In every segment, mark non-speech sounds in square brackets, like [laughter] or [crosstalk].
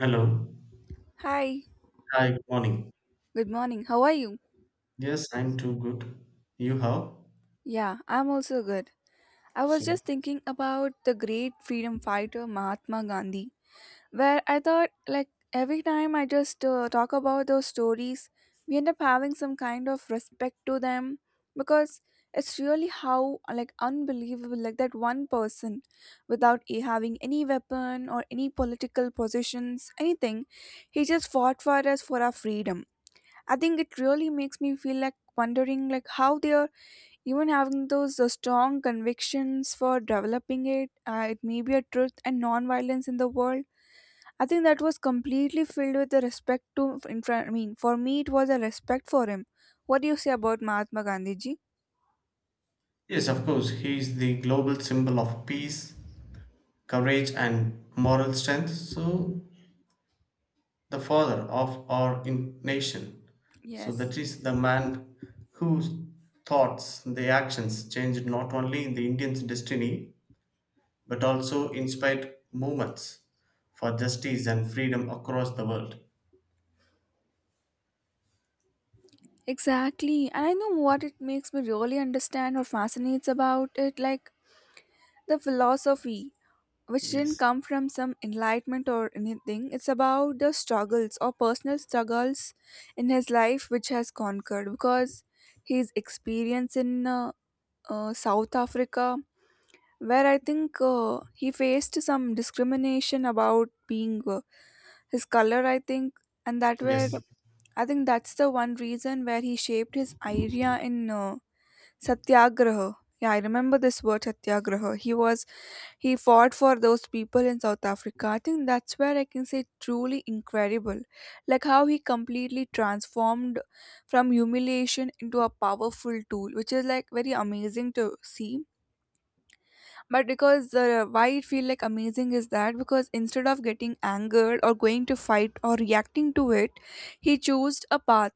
Hello. Hi, Hi, good morning. good morning. How are you? Yes, I'm too good. You how? Yeah, I'm also good. I was just Super. thinking about the great freedom fighter Mahatma Gandhi, where I thought, like, every time I just talk about those stories, we end up having some kind of respect to them because it's really how, like, unbelievable, like, that one person without having any weapon or any political positions, anything, he just fought for us for our freedom. I think it really makes me feel like wondering like how they are even having those strong convictions for developing it. It may be a truth and non-violence in the world. I think that was completely filled with the respect to. In front, I mean, for me, it was a respect for him. What do you say about Mahatma Gandhi ji? Yes, of course. He is the global symbol of peace, courage, and moral strength. So, the father of our nation. So, Yes. that is the man whose thoughts, the actions changed not only in the Indian's destiny, but also inspired movements for justice and freedom across the world. Exactly. And I know what it makes me really understand or fascinates about it like the philosophy. Which didn't Yes. come from some enlightenment or anything. It's about the struggles or personal struggles in his life which has conquered because his experience in South Africa, where I think he faced some discrimination about being his color, I think, and that where Yes. I think that's the one reason where he shaped his idea in Satyagraha. Yeah, I remember this word Satyagraha. He fought for those people in South Africa. I think that's where I can say truly incredible. Like how he completely transformed from humiliation into a powerful tool, which is like very amazing to see. But because why it feel like amazing is that because instead of getting angered or going to fight or reacting to it, he chose a path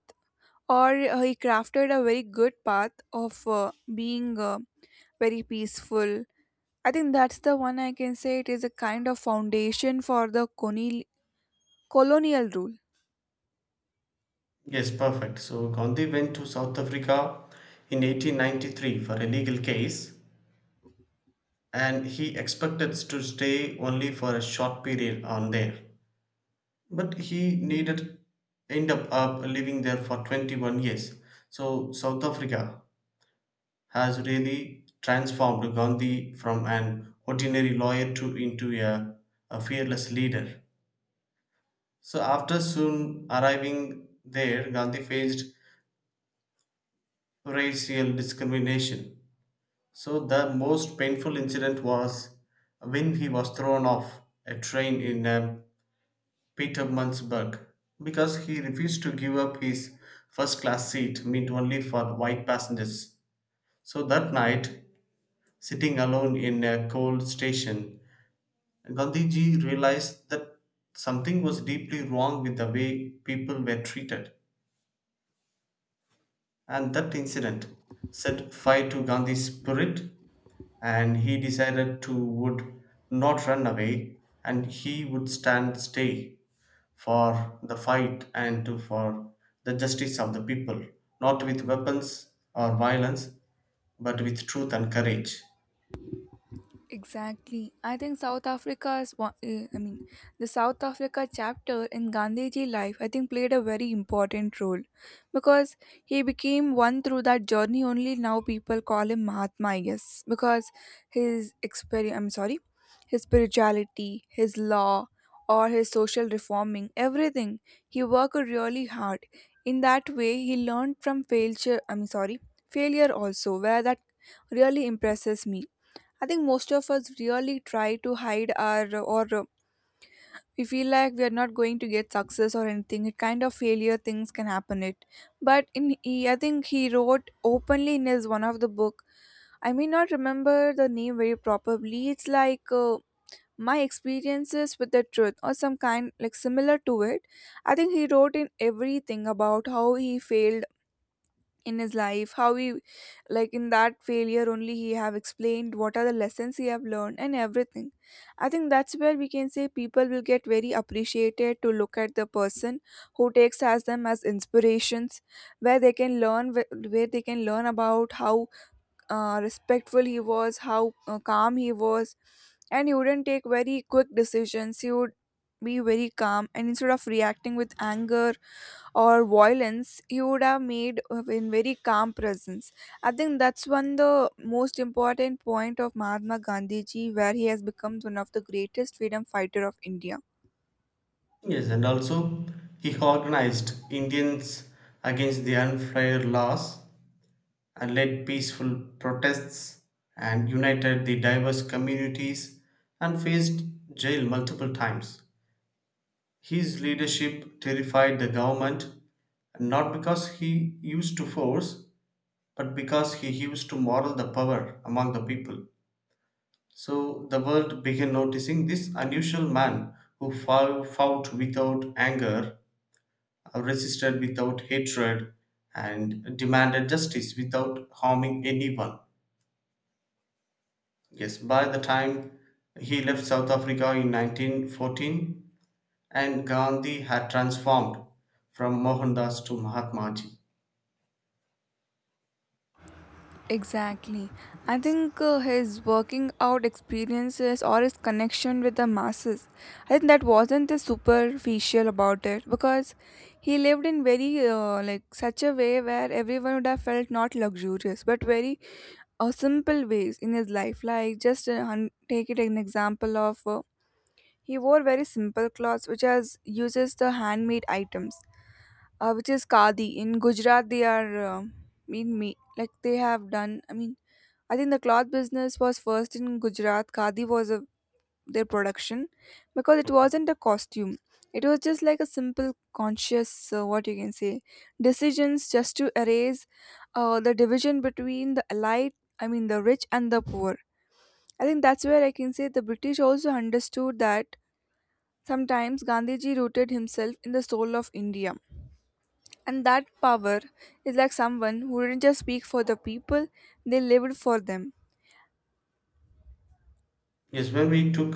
or he crafted a very good path of being very peaceful. I think that's the one I can say it is a kind of foundation for the colonial rule. Yes, perfect. So Gandhi went to South Africa in 1893 for a legal case, and he expected to stay only for a short period on there. But he needed end up living there for 21 years. So South Africa has really transformed Gandhi from an ordinary lawyer to into a fearless leader. So after soon arriving there, Gandhi faced racial discrimination. So the most painful incident was when he was thrown off a train in Petermannsburg, because he refused to give up his first class seat meant only for white passengers. So that night, sitting alone in a cold station, Gandhiji realized that something was deeply wrong with the way people were treated. And that incident set fire to Gandhi's spirit, and he decided to would not run away, and he would stand stay for the fight and to for the justice of the people, not with weapons or violence, but with truth and courage. Exactly. I think South Africa's, I mean, the South Africa chapter in Gandhiji life, I think played a very important role because he became one through that journey only. Now people call him Mahatma, I guess, because his experience, I'm sorry, his spirituality, his law, or his social reforming, everything. He worked really hard. In that way, he learned from failure, I'm sorry, failure also, where that really impresses me. I think most of us really try to hide our or we feel like we are not going to get success or anything. It kind of failure things can happen. But in he, I think he wrote openly in his one of the book. I may not remember the name very properly. It's like my experiences with the truth or some kind like similar to it. I think he wrote in everything about how he failed in his life, how he like in that failure only he have explained what are the lessons he have learned and everything. I think that's where we can say people will get very appreciated to look at the person who takes as them as inspirations where they can learn where they can learn about how respectful he was, how calm he was, and he wouldn't take very quick decisions. He would be very calm, and instead of reacting with anger or violence, he would have made in very calm presence. I think that's one the most important point of Mahatma Gandhi ji, where he has become one of the greatest freedom fighter of India. Yes, and also he organized Indians against the unfair laws and led peaceful protests and united the diverse communities and faced jail multiple times. His leadership terrified the government, not because he used to force, but because he used to model the power among the people. So the world began noticing this unusual man who fought without anger, resisted without hatred, and demanded justice without harming anyone. Yes, by the time he left South Africa in 1914, and Gandhi had transformed from Mohandas to Mahatmaji. Exactly. I think his working out experiences or his connection with the masses, I think that wasn't the superficial about it because he lived in very like such a way where everyone would have felt not luxurious but very simple ways in his life. Like just take it an example of he wore very simple clothes which has uses the handmade items, which is khadi in Gujarat. They are mean me like they have done. I mean I think the cloth business was first in Gujarat. Khadi was a, their production because it wasn't a costume. It was just like a simple conscious, what you can say, decisions just to erase the division between the elite, I mean the rich and the poor. I think that's where I can say the British also understood that sometimes Gandhiji rooted himself in the soul of India. And that power is like someone who didn't just speak for the people, they lived for them. Yes, when we took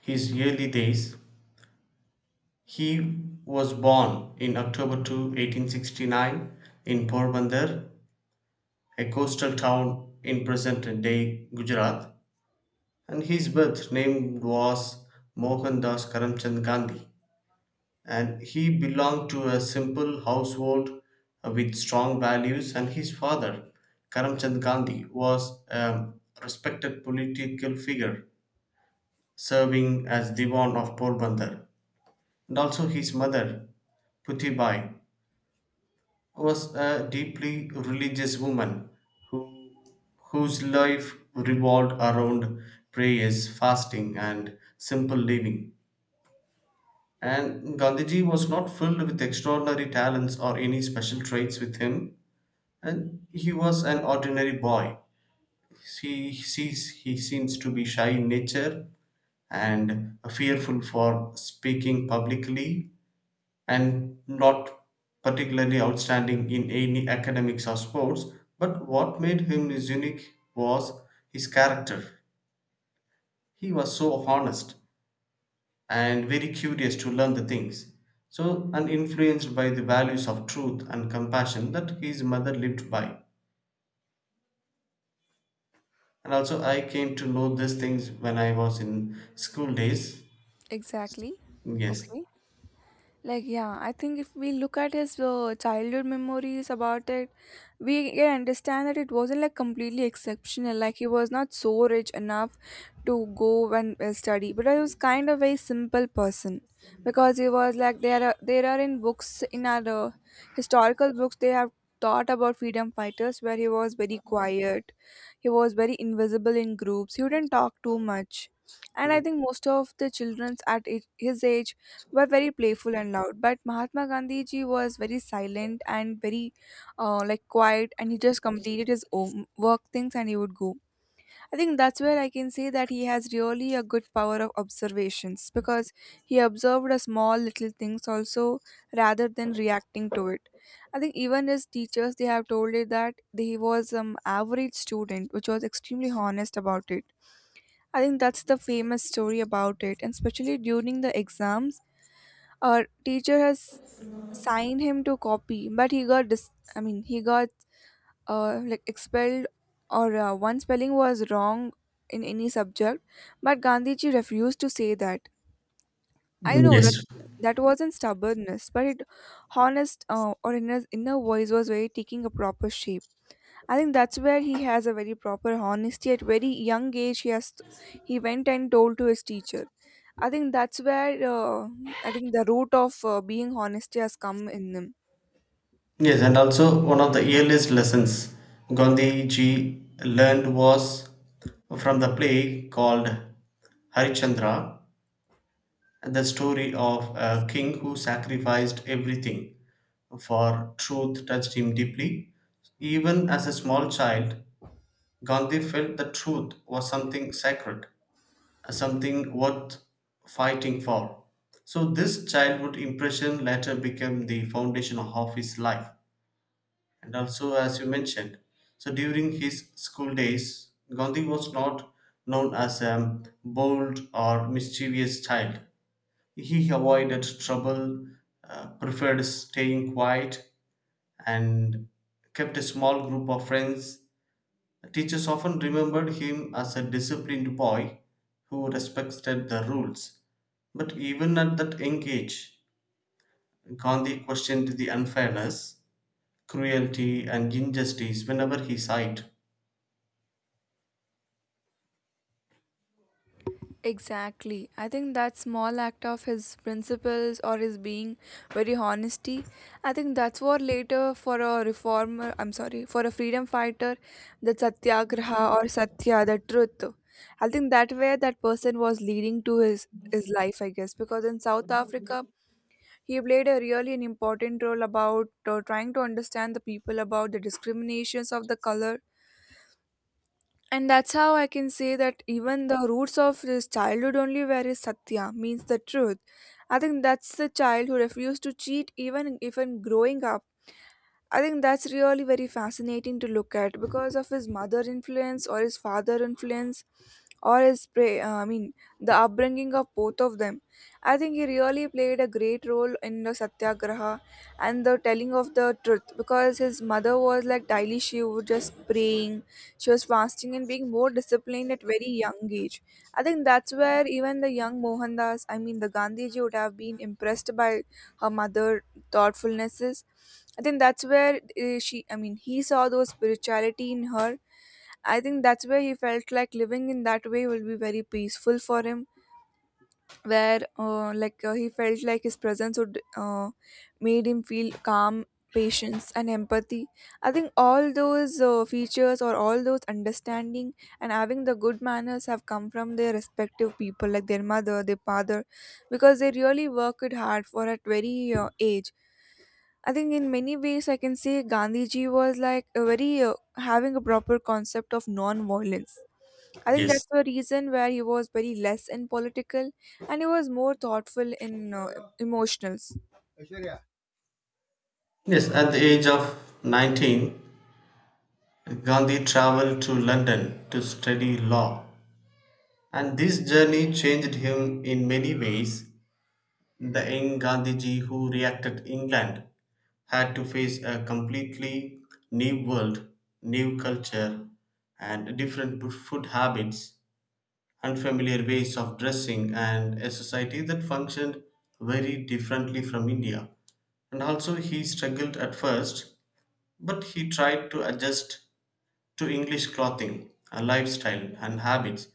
his early days, he was born in October 2, 1869, in Porbandar, a coastal town in present day Gujarat, and his birth name was Mohandas Karamchand Gandhi. And he belonged to a simple household, with strong values, and his father Karamchand Gandhi was a respected political figure, serving as diwan of Porbandar. And also his mother Putibai was a deeply religious woman who whose life revolved around prayers, fasting, and simple living. And Gandhiji was not filled with extraordinary talents or any special traits with him, and he was an ordinary boy. He seems to be shy in nature and fearful for speaking publicly, and not particularly outstanding in any academics or sports. But what made him is unique was his character. He was so honest and very curious to learn the things, so and influenced by the values of truth and compassion that his mother lived by. And also I came to know these things when I was in school days. Exactly. Yes. Okay. Like, yeah, I think if we look at his childhood memories about it, we can understand that it wasn't like completely exceptional. Like, he was not so rich enough to go and study, but he was kind of a simple person because he was like there are in books in our historical books they have taught about freedom fighters where he was very quiet, he was very invisible in groups, he wouldn't talk too much, and I think most of the childrens at his age were very playful and loud, but Mahatma Gandhi ji was very silent and very like quiet, and he just completed his own work things and he would go. I think that's where I can say that he has really a good power of observations because he observed a small little things also rather than reacting to it. I think even his teachers they have told it that he was an average student which was extremely honest about it. I think that's the famous story about it, and especially during the exams, a teacher has signed him to copy but he got I mean he got like expelled or one spelling was wrong in any subject, but Gandhiji refused to say that. I Mm, know yes. that that wasn't stubbornness but it honest or in his inner voice was very taking a proper shape. I think that's where he has a very proper honesty, at very young age he has he went and told to his teacher. I think that's where I think the root of being honesty has come in him. Yes, and also one of the earliest lessons gandhi ji learned was from the play called Harichandra. The story of a king who sacrificed everything for truth touched him deeply. Even as a small child, Gandhi felt that truth was something sacred, something worth fighting for. So, this childhood impression later became the foundation of his life. And also, as you mentioned, so during his school days, Gandhi was not known as a bold or mischievous child. He avoided trouble, preferred staying quiet, and kept a small group of friends. Teachers often remembered him as a disciplined boy who respected the rules. But even at that young age, Gandhi questioned the unfairness, cruelty, and injustice whenever he saw it. Exactly. I think that small act of his principles or his being very honesty, I think that's what later for a reformer, I'm sorry, for a freedom fighter, the satyagraha or satya, the truth. I think that way that person was leading to his life, I guess, because in South Africa he played a really an important role about trying to understand the people about the discriminations of the color, and that's how I can say that even the roots of his childhood only where is satya means the truth. I think that's the child who refused to cheat even growing up. I think that's really very fascinating to look at because of his mother influence or his father influence or his pray. I mean the upbringing of both of them. I think he really played a great role in the satyagraha and the telling of the truth because his mother was like daily she would just praying, she was fasting and being more disciplined at very young age. I think that's where even the young Mohandas, I mean the Gandhiji would have been impressed by her mother thoughtfulnesses. I think that's where she, I mean, he saw those spirituality in her. I think that's where he felt like living in that way will be very peaceful for him where he felt like his presence would made him feel calm, patience and empathy. I think all those features or all those understanding and having the good manners have come from their respective people like their mother their father because they really worked hard for at very age. I think in many ways I can say Gandhiji was like a very having a proper concept of non violence I think Yes. that's the reason where he was very less in political and he was more thoughtful in emotionals. Yes, at the age of 19, Gandhi traveled to London to study law. And this journey changed him in many ways. The young Gandhiji who reacted England had to face a completely new world, new culture, and different food habits, unfamiliar ways of dressing, and a society that functioned very differently from India. And also, he struggled at first, but he tried to adjust to English clothing, a lifestyle, and habits,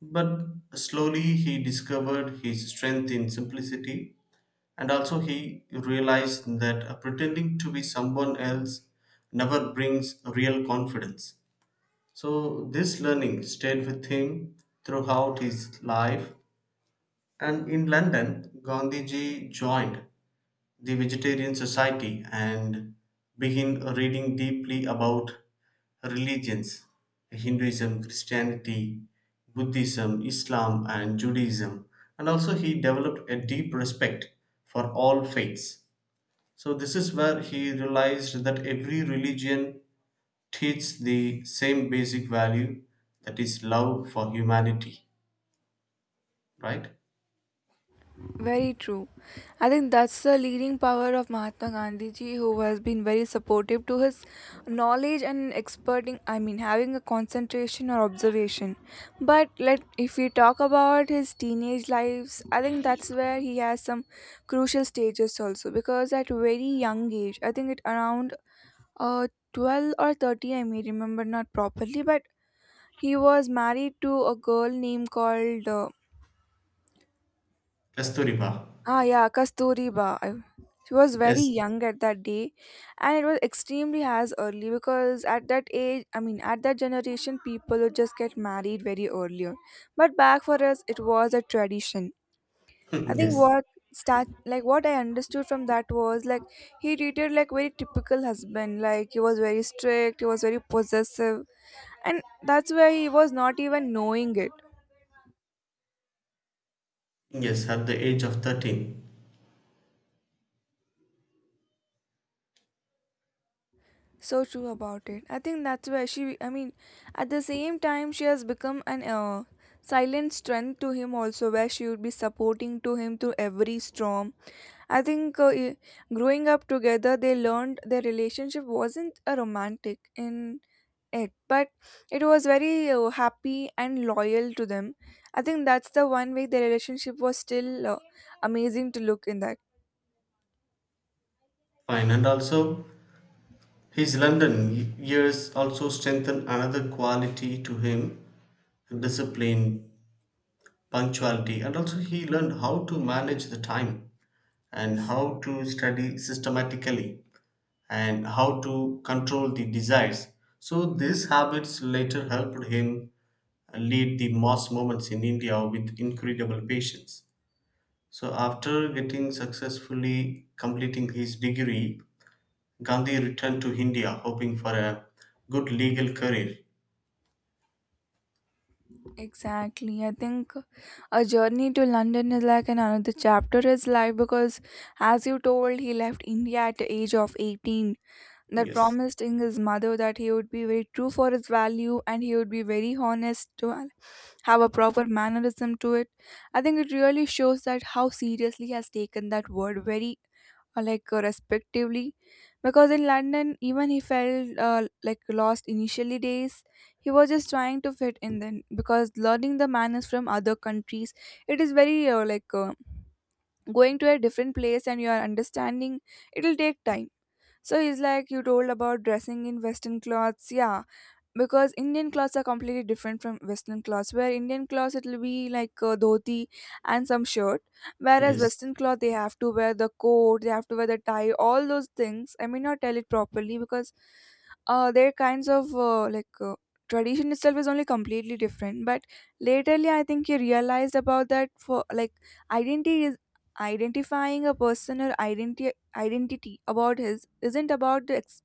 but slowly he discovered his strength in simplicity. And also he realized that pretending to be someone else never brings real confidence. So, this learning stayed with him throughout his life, and in London, Gandhiji joined the Vegetarian Society and begin reading deeply about religions, Hinduism, Christianity, Buddhism, Islam, and Judaism. And also, he developed a deep respect for all faiths. So, this is where he realized that every religion teaches the same basic value, that is, love for humanity, right? Very true. I think that's the leading power of Mahatma Gandhi ji, who has been very supportive to his knowledge and experting. I mean, having a concentration or observation. But let if we talk about his teenage lives, I think that's where he has some crucial stages also because at very young age, I think it around Uh, 12 or 30, I may remember not properly, but he was married to a girl named called, Kasturiba. Yeah, Kasturiba. I, she was very Yes, young at that day, and it was extremely as early because at that age, I mean, at that generation, people would just get married very earlier. But back for us, it was a tradition. I [laughs] think yes, what start like what I understood from that was like he treated like very typical husband. Like he was very strict, he was very possessive, and that's why he was not even knowing it. yes, at the age of 13. So true about it. I think that's where she, I mean, at the same time, she has become an silent strength to him also, where she would be supporting to him through every storm. I think growing up together, they learned their relationship wasn't a romantic in it, but it was very happy and loyal to them. I think that's the one way the relationship was still amazing to look in that. Fine, and also his London years also strengthened another quality to him, discipline, punctuality, and also he learned how to manage the time, and how to study systematically, and how to control the desires. So, these habits later helped him lead the mass movements in India with incredible patience. So, after getting successfully completing his degree, Gandhi returned to India hoping for a good legal career. Exactly. I think a journey to London is like an another chapter in his life because, as you told, he left India at the age of 18. That Yes. promised in his mother that he would be very true for his value and he would be very honest to have a proper mannerism to it. I think it really shows that how seriously he has taken that word very respectively because in london even he felt like lost initially days he was just trying to fit in then because learning the manners from other countries it is very going to a different place and you are understanding it will take time. So he's like you told about dressing in western clothes, yeah, because Indian clothes are completely different from Western clothes. Where Indian clothes it'll be like a dhoti and some shirt, whereas Yes, Western cloth they have to wear the coat, they have to wear the tie, all those things. I may not tell it properly because their kinds of tradition itself is only completely different. But laterly, I think you realized about that for like identity is identifying a person or identity about his isn't about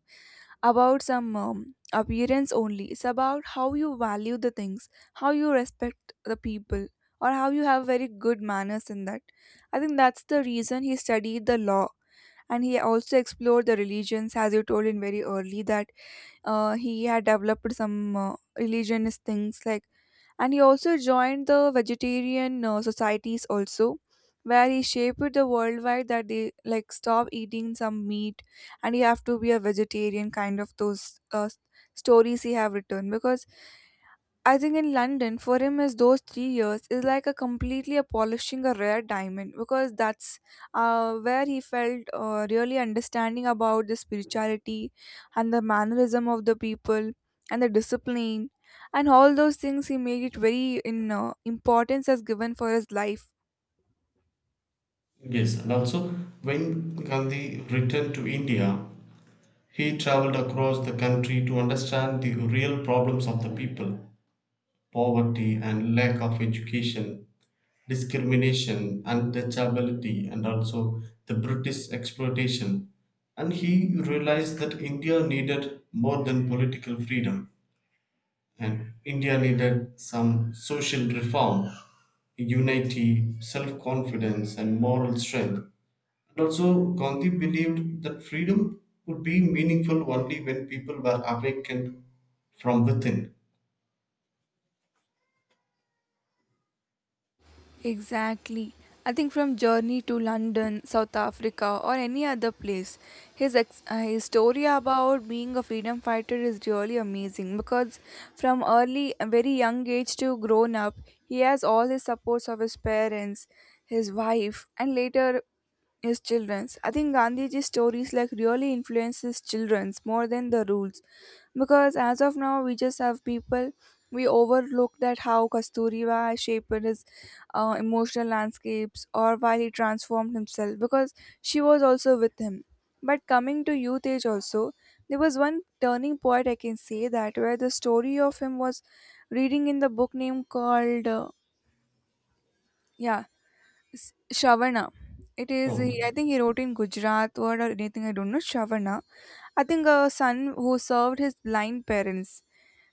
about some appearance only. It's about how you value the things, how you respect the people, or how you have very good manners in that. I think that's the reason he studied the law and he also explored the religions, as you told in very early that he had developed some religionist things like, and he also joined the vegetarian societies also, where he shaped the worldwide that they like stop eating some meat and you have to be a vegetarian kind of those stories he have written because I think in London, for him, is those 3 years is like a completely a polishing a rare diamond because that's where he felt really understanding about the spirituality and the mannerism of the people and the discipline and all those things. He made it very in importance as given for his life. yes, and also when Gandhi returned to India, he traveled across the country to understand the real problems of the people, poverty and lack of education, discrimination, untouchability, and also the British exploitation. And he realized that India needed more than political freedom, and India needed some social reform, unity, self confidence, and moral strength. And also, Gandhi believed that freedom would be meaningful only when people were awakened from within. Exactly. I think from Journey to London, South Africa, or any other place, his story about being a freedom fighter is really amazing because from early, a very young age to grown up, he has all his supports of his parents, his wife, and later his children's. I think Gandhiji's stories like really influence his children's more than the rules because as of now we just have people, we overlook that how Kasturiba shaped his emotional landscapes, or while he transformed himself, because she was also with him. But coming to youth age also, there was one turning point I can say that where the story of him was reading in the book name called yeah, S- Shavana. It is he- I Oh, think he wrote in Gujarat word or anything, I don't know, Shavana. I think a son who served his blind parents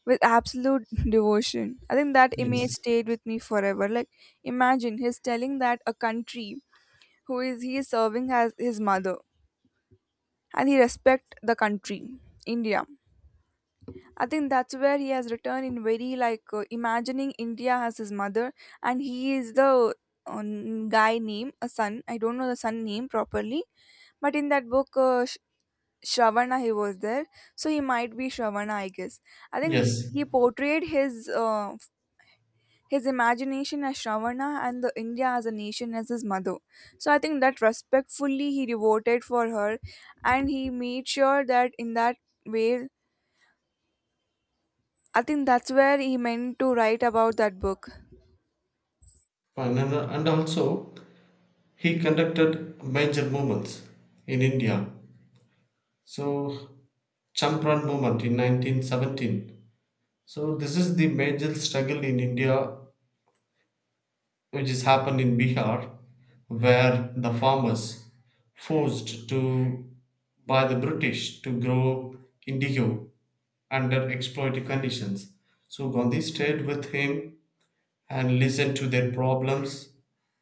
with absolute [laughs] devotion. I think that image yes. stayed with me forever. Like imagine he's telling that a country who is he is serving as his mother, and he respect the country, india. I think that's where he has returned in very like imagining india as his mother, and he is the guy name a son, I don't know the son name properly, but in that book shravana he was there, so he might be shravana I guess. I think Yes. he portrayed his imagination as Shravana and the India as a nation as his mother. So I think that respectfully he devoted for her, and he made sure that in that way, I think that's where he meant to write about that book. And also, he conducted major movements in India. So, Champran movement in 1917. So, this is the major struggle in India, which has happened in Bihar, where the farmers forced to by the British to grow indigo under exploitative conditions. So Gandhi stayed with him and listened to their problems,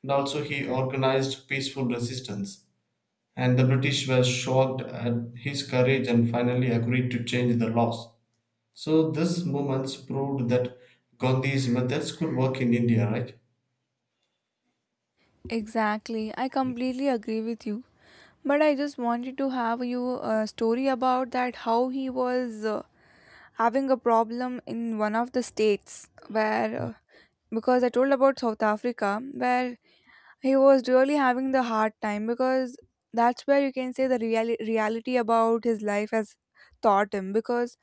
and also he organized peaceful resistance. And the British were shocked at his courage and finally agreed to change the laws. So this movements proved that Gandhi's methods could work in India, right? Exactly. I completely agree with you. But I just wanted to have you a story about that how he was having a problem in one of the states where because I told about South Africa where he was really having the hard time, because that's where you can say the reality about his life has taught him because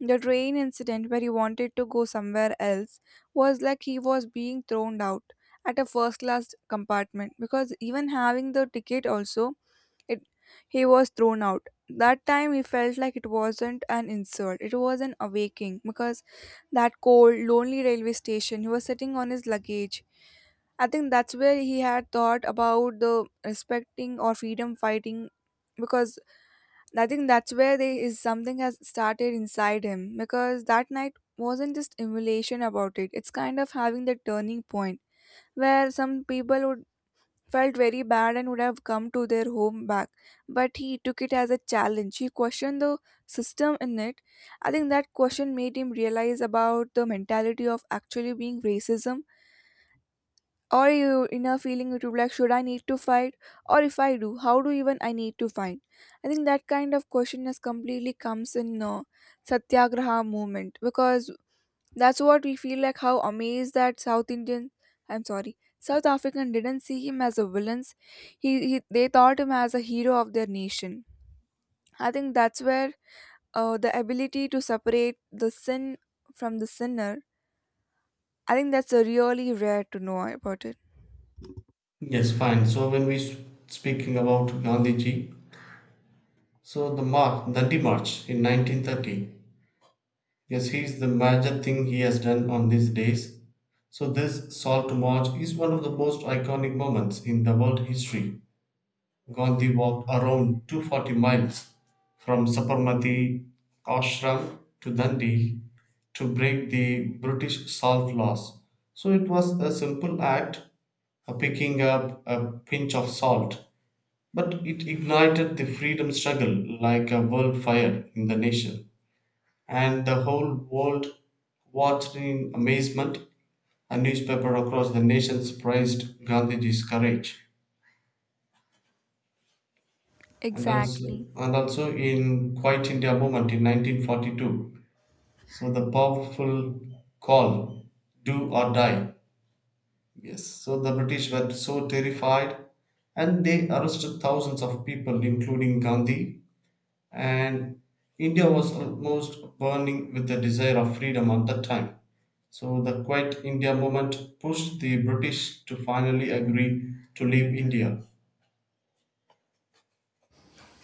the train incident where he wanted to go somewhere else was like he was being thrown out at a first class compartment because even having the ticket also, it he was thrown out. That time he felt like it wasn't an insult, it was an awakening because that cold, lonely railway station, he was sitting on his luggage. I think that's where he had thought about the respecting or freedom fighting, because I think that's where there is something has started inside him because that night wasn't just emulation about it. It's kind of having the turning point where some people would felt very bad and would have come to their home back. But he took it as a challenge. He questioned the system in it. I think that question made him realize about the mentality of actually being racism. Or you inner feeling it would be like, should I need to fight? Or if I do, how do even I need to fight? I think that kind of question has completely comes in Satyagraha movement because that's what we feel like how amazed that South Indian, I'm sorry, South African didn't see him as a villain. He they thought him as a hero of their nation. I think that's where the ability to separate the sin from the sinner. I think that's really rare to know about it. Yes, fine. So when we speaking about Gandhiji, so the march, Dandi March in 1930. Yes, he is the major thing he has done on these days. So this Salt March is one of the most iconic moments in the world history. Gandhi walked around 240 miles from Sabarmati Ashram to Dandi to break the British salt laws. So it was a simple act, a picking up a pinch of salt. But it ignited the freedom struggle like a wildfire in the nation, and the whole world watched in amazement. A newspaper across the nation praised Gandhiji's courage. Exactly. And also in Quit India movement in 1942. So the powerful call, do or die. Yes, so the British were so terrified and they arrested thousands of people, including Gandhi, and India was almost burning with the desire of freedom at that time. So the Quit India movement pushed the British to finally agree to leave India.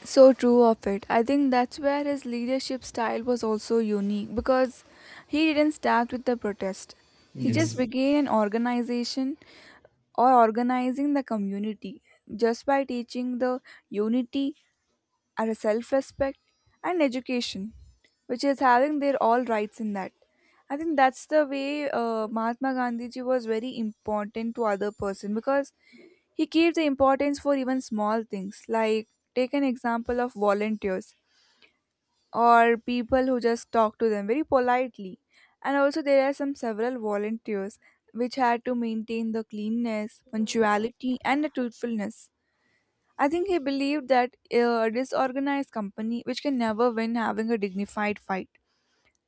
So true of it. I think that's where his leadership style was also unique because he didn't start with the protest. He just Yes, began an organization or organizing the community just by teaching the unity and self respect and education, which is having their all rights in that. I think that's the way Mahatma Gandhi ji was very important to other person because he gave the importance for even small things like take an example of volunteers or people who just talk to them very politely. And also, there are some several volunteers which had to maintain the cleanness, punctuality, and the truthfulness. I think he believed that a disorganized company which can never win having a dignified fight.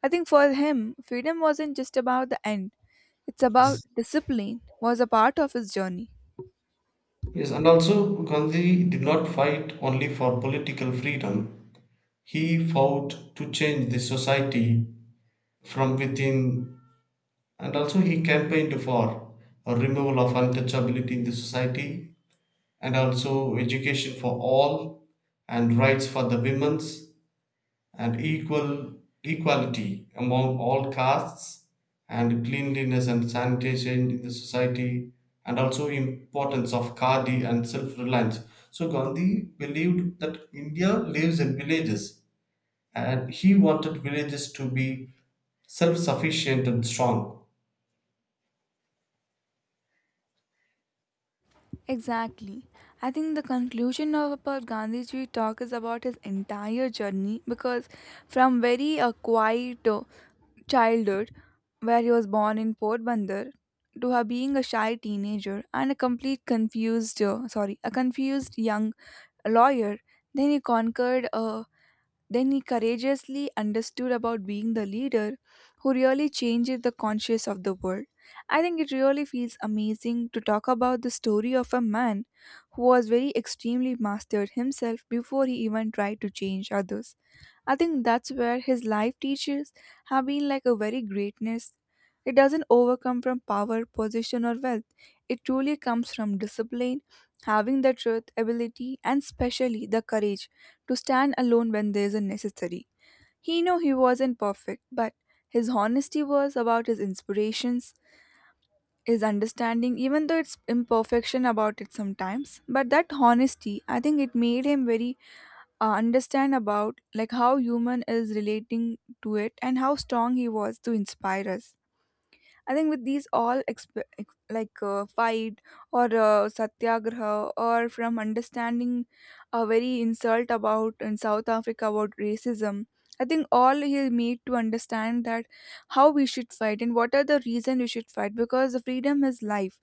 I think for him, freedom wasn't just about the end, it's about yes, discipline, was a part of his journey. yes. And also, Gandhi did not fight only for political freedom. He fought to change the society from within, and also he campaigned for a removal of untouchability in the society, and also education for all, and rights for the women's, and equality among all castes, and cleanliness and sanitation in the society, and also importance of khadi and self-reliance. So Gandhi believed that India lives in villages, and he wanted villages to be self-sufficient and strong. Exactly. I think the conclusion of our Gandhiji talk is about his entire journey because from very quiet childhood, where he was born in Port Bandar, to her being a shy teenager and a complete confused, sorry, a confused young lawyer, then he conquered a, then he courageously understood about being the leader who really changes the conscience of the world. I think it really feels amazing to talk about the story of a man who was very extremely mastered himself before he even tried to change others. I think that's where his life teachers have been like a very greatness. It doesn't overcome from power, position, or wealth. It truly comes from discipline, having the truth, ability, and especially the courage to stand alone when there is a necessary. He knew he wasn't perfect, but his honesty was about his inspirations, his understanding, even though it's imperfection about it sometimes. But that honesty, I think it made him very understand about like how human is relating to it and how strong he was to inspire us. I think with these all fight or satyagraha or from understanding a very insult about in south africa about racism, I think all he made to understand that how we should fight and what are the reason we should fight because the freedom is life,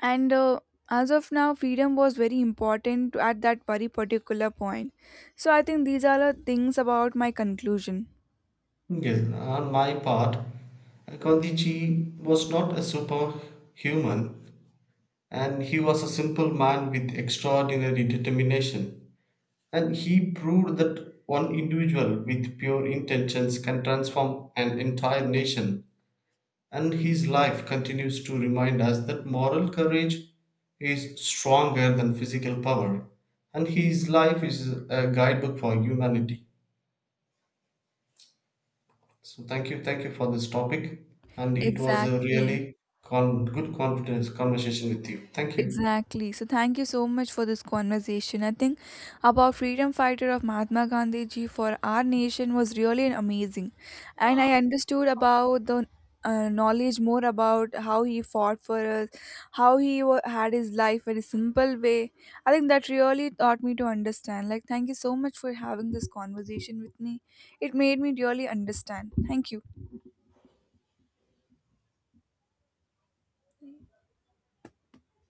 and as of now freedom was very important at that very particular point. So I think these are the things about my conclusion. Yes, on my part, Gandhiji was not a superhuman. And he was a simple man with extraordinary determination. And he proved that one individual with pure intentions can transform an entire nation. And his life continues to remind us that moral courage is stronger than physical power. And his life is a guidebook for humanity. So thank you for this topic. And it was a Exactly. really good confidence conversation with you. Thank you. Exactly. So thank you so much for this conversation. I think about freedom fighter of Mahatma Gandhi ji for our nation was really an amazing. And I understood about the knowledge more about how he fought for us, how he wa had his life in a simple way. I think that really taught me to understand. Like thank you so much for having this conversation with me. It made me really understand. Thank you.